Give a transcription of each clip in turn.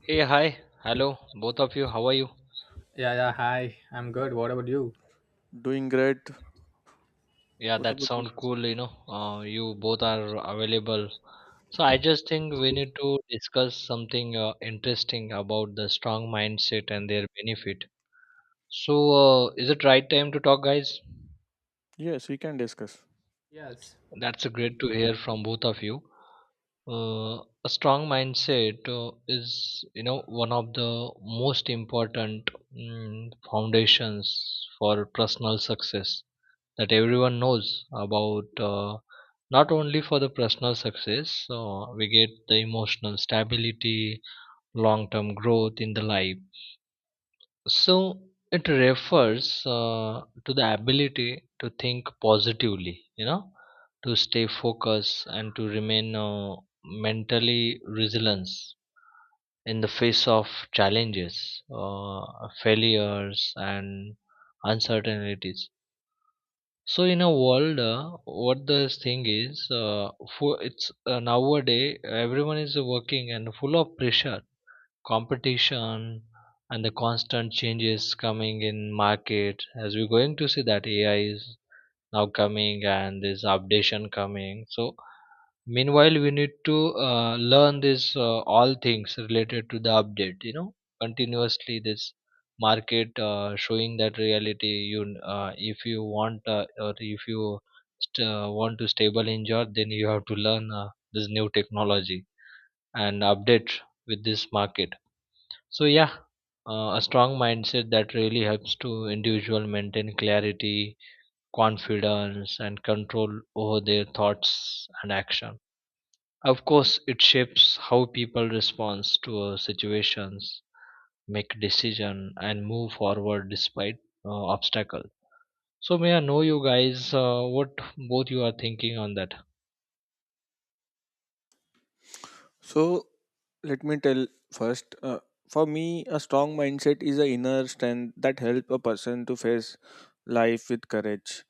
Hey, hi. Hello, both of you. How are you? Yeah, yeah, hi. I'm good. What about you? Doing great. Yeah, What that about you? sound cool, you know. You both are available. So I just think we need to discuss something interesting about the strong mindset and their benefit. So is it right time to talk, guys? Yes, we can discuss. Yes. That's great to hear from both of you. A strong mindset is, you know, one of the most important foundations for personal success that everyone knows about not only for the personal success we get the emotional stability, long term growth in the life, so it refers to the ability to think positively, you know, to stay focused and to remain mentally resilient in the face of challenges, uh, failures, and uncertainties. So in a world, what the thing is, for it's nowadays everyone is working and full of pressure, competition, and the constant changes coming in market. As we're going to see that AI is now coming and this updation coming, so meanwhile we need to learn this all things related to the update, you know, continuously. This market showing that reality. You if you want or if you want to stable in job, then you have to learn this new technology and update with this market. So yeah, a strong mindset that really helps to individual maintain clarity, confidence, and control over their thoughts and action. Of course it shapes how people respond to situations, make decision, and move forward despite obstacle. So may I know you guys what both you are thinking on that? So, let me tell first. For me, a strong mindset is an inner strength that help a person to face life with courage,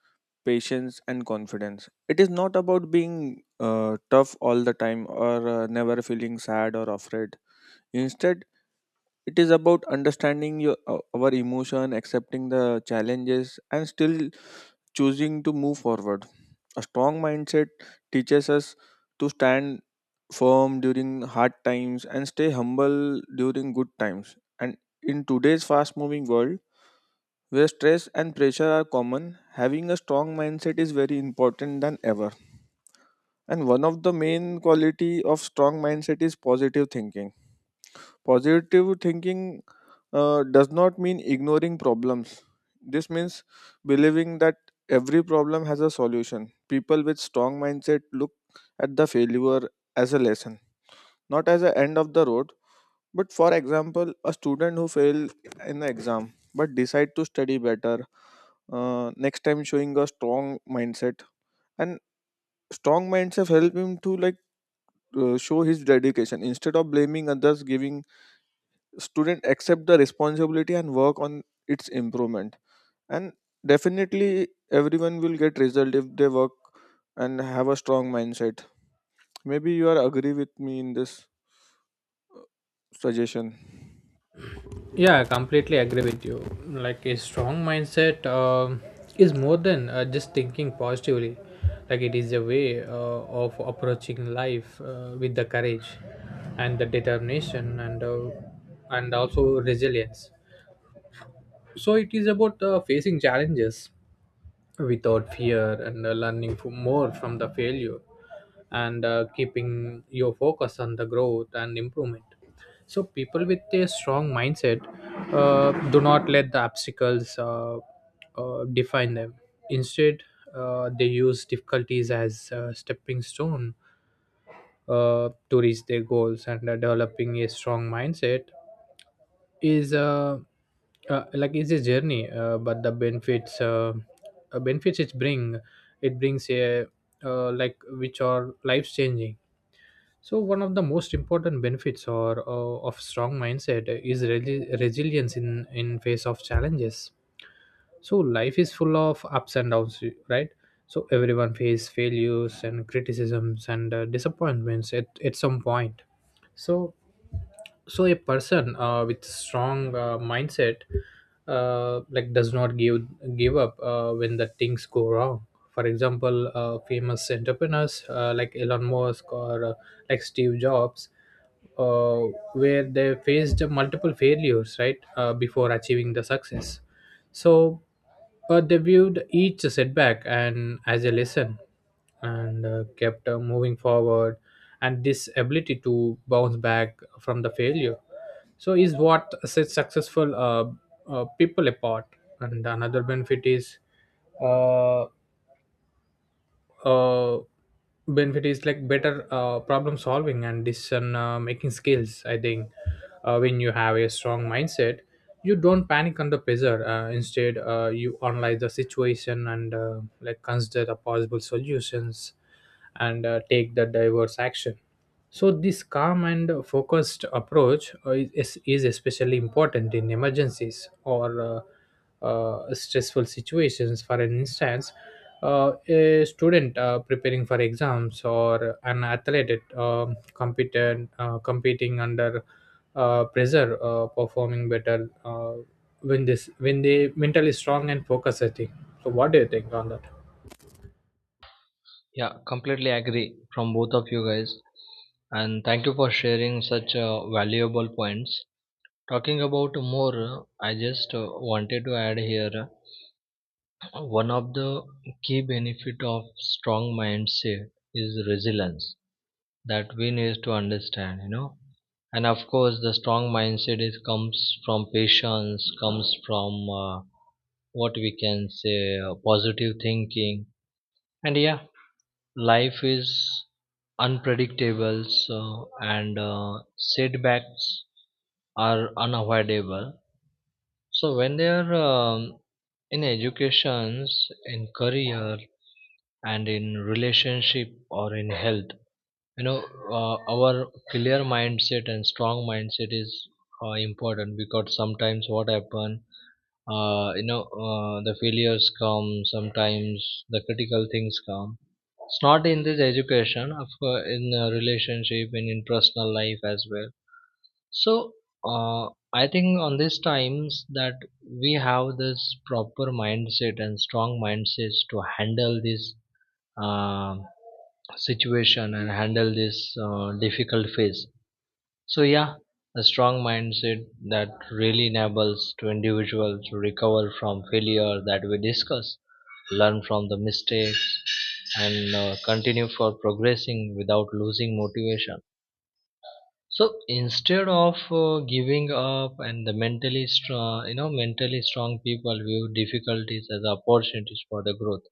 patience, and confidence. It is not about being tough all the time or never feeling sad or afraid. Instead, it is about understanding your our emotion, accepting the challenges and still choosing to move forward. A strong mindset teaches us to stand firm during hard times and stay humble during good times. And in today's fast moving world, where stress and pressure are common, having a strong mindset is very important than ever. And one of the main quality of strong mindset is positive thinking. Positive thinking does not mean ignoring problems. This means believing that every problem has a solution. People with strong mindset look at the failure as a lesson, not as the end of the road. But for example, a student who fail in the exam but decide to study better next time, showing a strong mindset. And strong mindset help him to like show his dedication instead of blaming others, giving student accept the responsibility and work on its improvement. And definitely everyone will get result if they work and have a strong mindset. Maybe you are agree with me in this suggestion. Yeah, I completely agree with you. Like a strong mindset is more than just thinking positively. Like it is a way of approaching life with the courage and the determination and also resilience. So it is about facing challenges without fear and learning more from the failure and keeping your focus on the growth and improvement. So people with a strong mindset do not let the obstacles define them. Instead, they use difficulties as a stepping stone to reach their goals. And developing a strong mindset is like it's a journey, but the benefits uh, benefits it bring it brings a like which are life changing. So one of the most important benefits or of strong mindset is resilience in face of challenges. So life is full of ups and downs, right? So everyone face failures and criticisms and disappointments at some point. So so a person with strong mindset like does not give up when the things go wrong. For example, famous entrepreneurs like Elon Musk or like Steve Jobs, uh, where they faced multiple failures, right, before achieving the success. So they viewed each setback and as a lesson and kept moving forward. And this ability to bounce back from the failure so is what sets successful people apart. And another benefit is uh, uh, like better problem solving and decision making skills, I think. When you have a strong mindset, you don't panic under pressure. Instead, you analyze the situation and like consider the possible solutions and take the diverse action. So this calm and focused approach is especially important in emergencies or stressful situations. For an instance, a student preparing for exams or an athlete competing under pressure, performing better when they mentally strong and focused, I think. So what do you think on that? Yeah, completely agree from both of you guys, and thank you for sharing such valuable points. Talking about more, I just wanted to add here. One of the key benefit of strong mindset is resilience, that we need to understand, you know. And of course, the strong mindset is comes from patience, comes from what we can say positive thinking. And yeah, life is unpredictable, so and setbacks are unavoidable, so when they are in educations, in career, and in relationship or in health, you know, our clear mindset and strong mindset is important, because sometimes what happen, you know, the failures come. Sometimes the critical things come. It's not in this education, of course, in relationship and in personal life as well. So uh, I think on these times that we have this proper mindset and strong mindsets to handle this uh, situation and handle this difficult phase. So yeah, a strong mindset that really enables to individual to recover from failure that we discuss, learn from the mistakes, and continue for progressing without losing motivation. So instead of giving up, and the mentally strong, you know, mentally strong people view difficulties as opportunities for the growth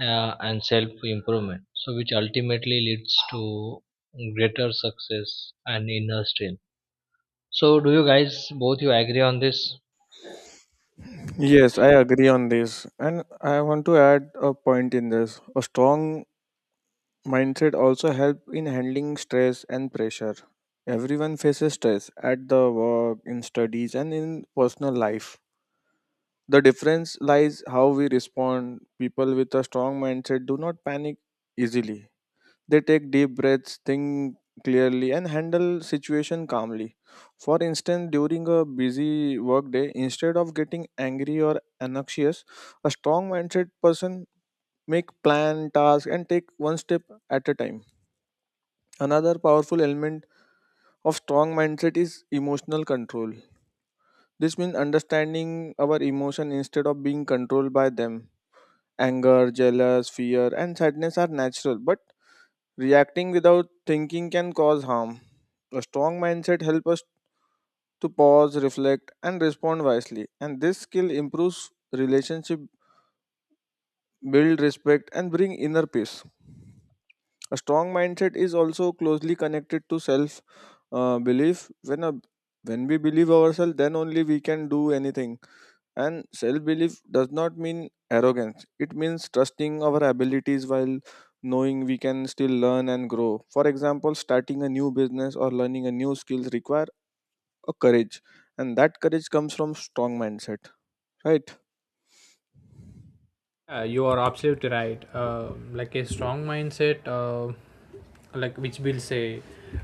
and self improvement. So which ultimately leads to greater success and inner strength. So do you guys both you agree on this? Yes, I agree on this, and I want to add a point in this. A strong mindset also help in handling stress and pressure. Everyone faces stress at the work, in studies, and in personal life. The difference lies how we respond. People with a strong mindset do not panic easily. They take deep breaths, think clearly and handle situation calmly. For instance, during a busy workday, instead of getting angry or anxious, a strong mindset person make plan, task and take one step at a time. Another powerful element of strong mindset is emotional control. This means understanding our emotion instead of being controlled by them. Anger, jealous, fear, and sadness are natural, but reacting without thinking can cause harm. A strong mindset helps us to pause, reflect, and respond wisely, and this skill improves relationship, build respect, and bring inner peace. A strong mindset is also closely connected to self belief. When we believe ourselves, then only we can do anything. And self belief does not mean arrogance. It means trusting our abilities while knowing we can still learn and grow. For example, starting a new business or learning a new skill require a courage, and that courage comes from strong mindset. Right? Yeah, you are absolutely right. Like a strong mindset, like which will say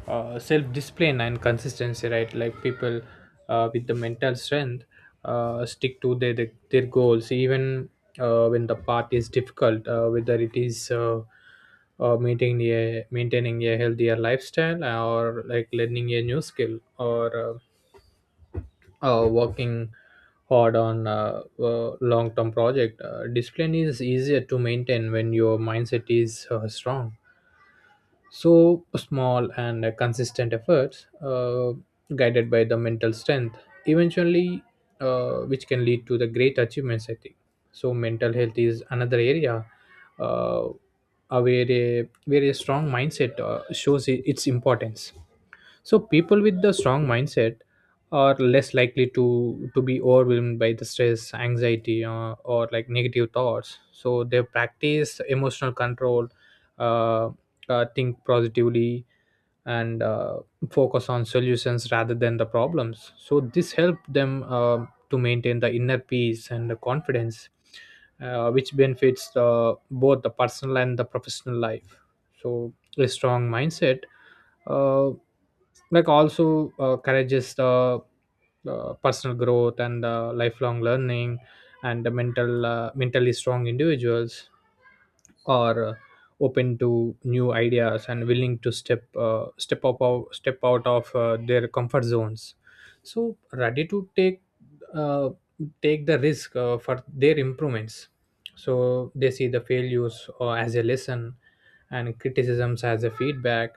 self discipline and consistency, right? Like people with the mental strength stick to their goals, even when the path is difficult, whether it is maintaining a healthier lifestyle or like learning a new skill or working hard on a long term project. Discipline is easier to maintain when your mindset is strong. So small and consistent efforts, guided by the mental strength, eventually, which can lead to the great achievements, I think. So mental health is another area. Uh, where a strong mindset shows its importance. So people with the strong mindset are less likely to be overwhelmed by the stress, anxiety, or like negative thoughts. So they practice emotional control, uh, think positively, and focus on solutions rather than the problems. So this helped them to maintain the inner peace and the confidence, which benefits both the personal and the professional life. So a strong mindset uh, like also encourages the personal growth and lifelong learning. And the mentally strong individuals are open to new ideas and willing to step out of their comfort zones, so ready to uh, take the risk for their improvements. So they see the failures as a lesson and criticisms as a feedback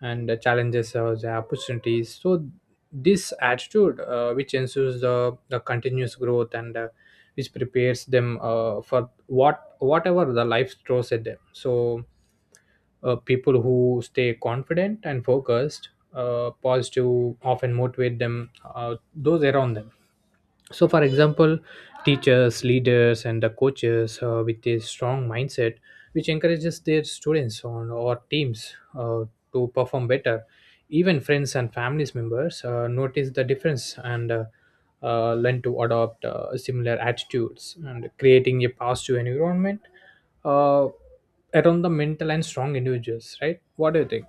and the challenges as opportunities. So this attitude, which ensures the continuous growth, and which prepares them for whatever the life throws at them. So people who stay confident and focused, positive, often motivate them those around them. So, for example, teachers, leaders, and the coaches with a strong mindset, which encourages their students on or teams to perform better. Even friends and families members notice the difference and learn to adopt similar attitudes, and creating a positive environment uh, around the mental and strong individuals, right? What do you think?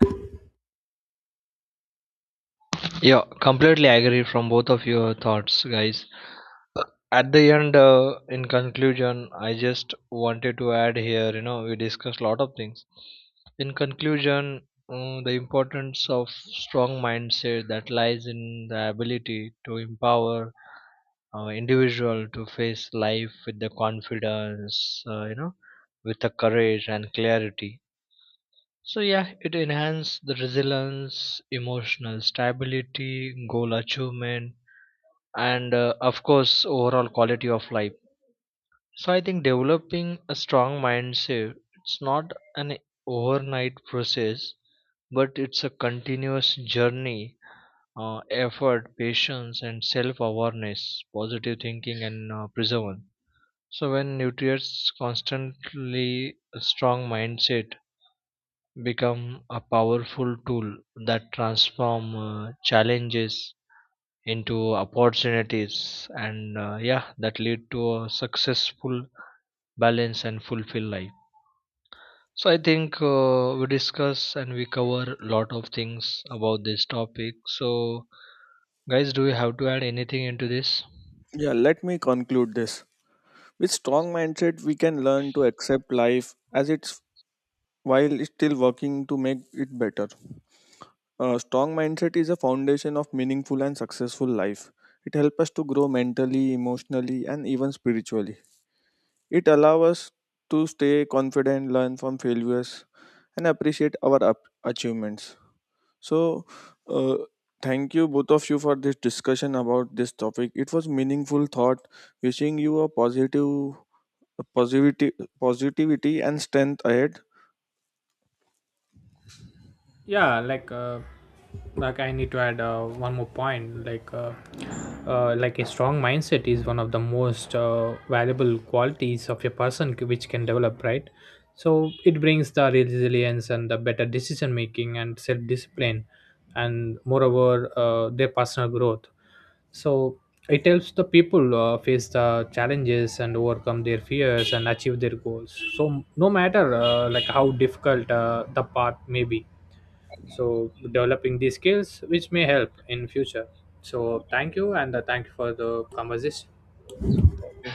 Yeah, completely agree from both of your thoughts, guys. At the end, in conclusion, I just wanted to add here, you know, we discussed a lot of things. In conclusion, the importance of strong mindset that lies in the ability to empower individual to face life with the confidence, you know, with the courage and clarity. So yeah, it enhances the resilience, emotional stability, goal achievement, and of course overall quality of life. So I think developing a strong mindset, it's not an overnight process, but it's a continuous journey, effort, patience, and self-awareness, positive thinking, and perseverance. So when nutrients constantly a strong mindset become a powerful tool that transform challenges into opportunities and yeah that lead to a successful, balanced, and fulfilled life. So I think we discuss and we cover a lot of things about this topic. So guys, do you have to add anything into this? Yeah. Let me conclude this. With strong mindset, we can learn to accept life as it while still working to make it better. A strong mindset is a foundation of meaningful and successful life. It helps us to grow mentally, emotionally, and even spiritually. It allows us to stay confident, learn from failures, and appreciate our up- achievements. So, uh, thank you both of you for this discussion about this topic. It was meaningful thought. Wishing you a positive, a positivity, positivity and strength ahead. Yeah, like I need to add one more point, like a strong mindset is one of the most valuable qualities of a person which can develop, right? So it brings the resilience and the better decision making and self discipline, and moreover their personal growth. So it helps the people face the challenges and overcome their fears and achieve their goals. So no matter like how difficult the path may be, so developing these skills which may help in future. So thank you, and thank you for the conversation. Thank you.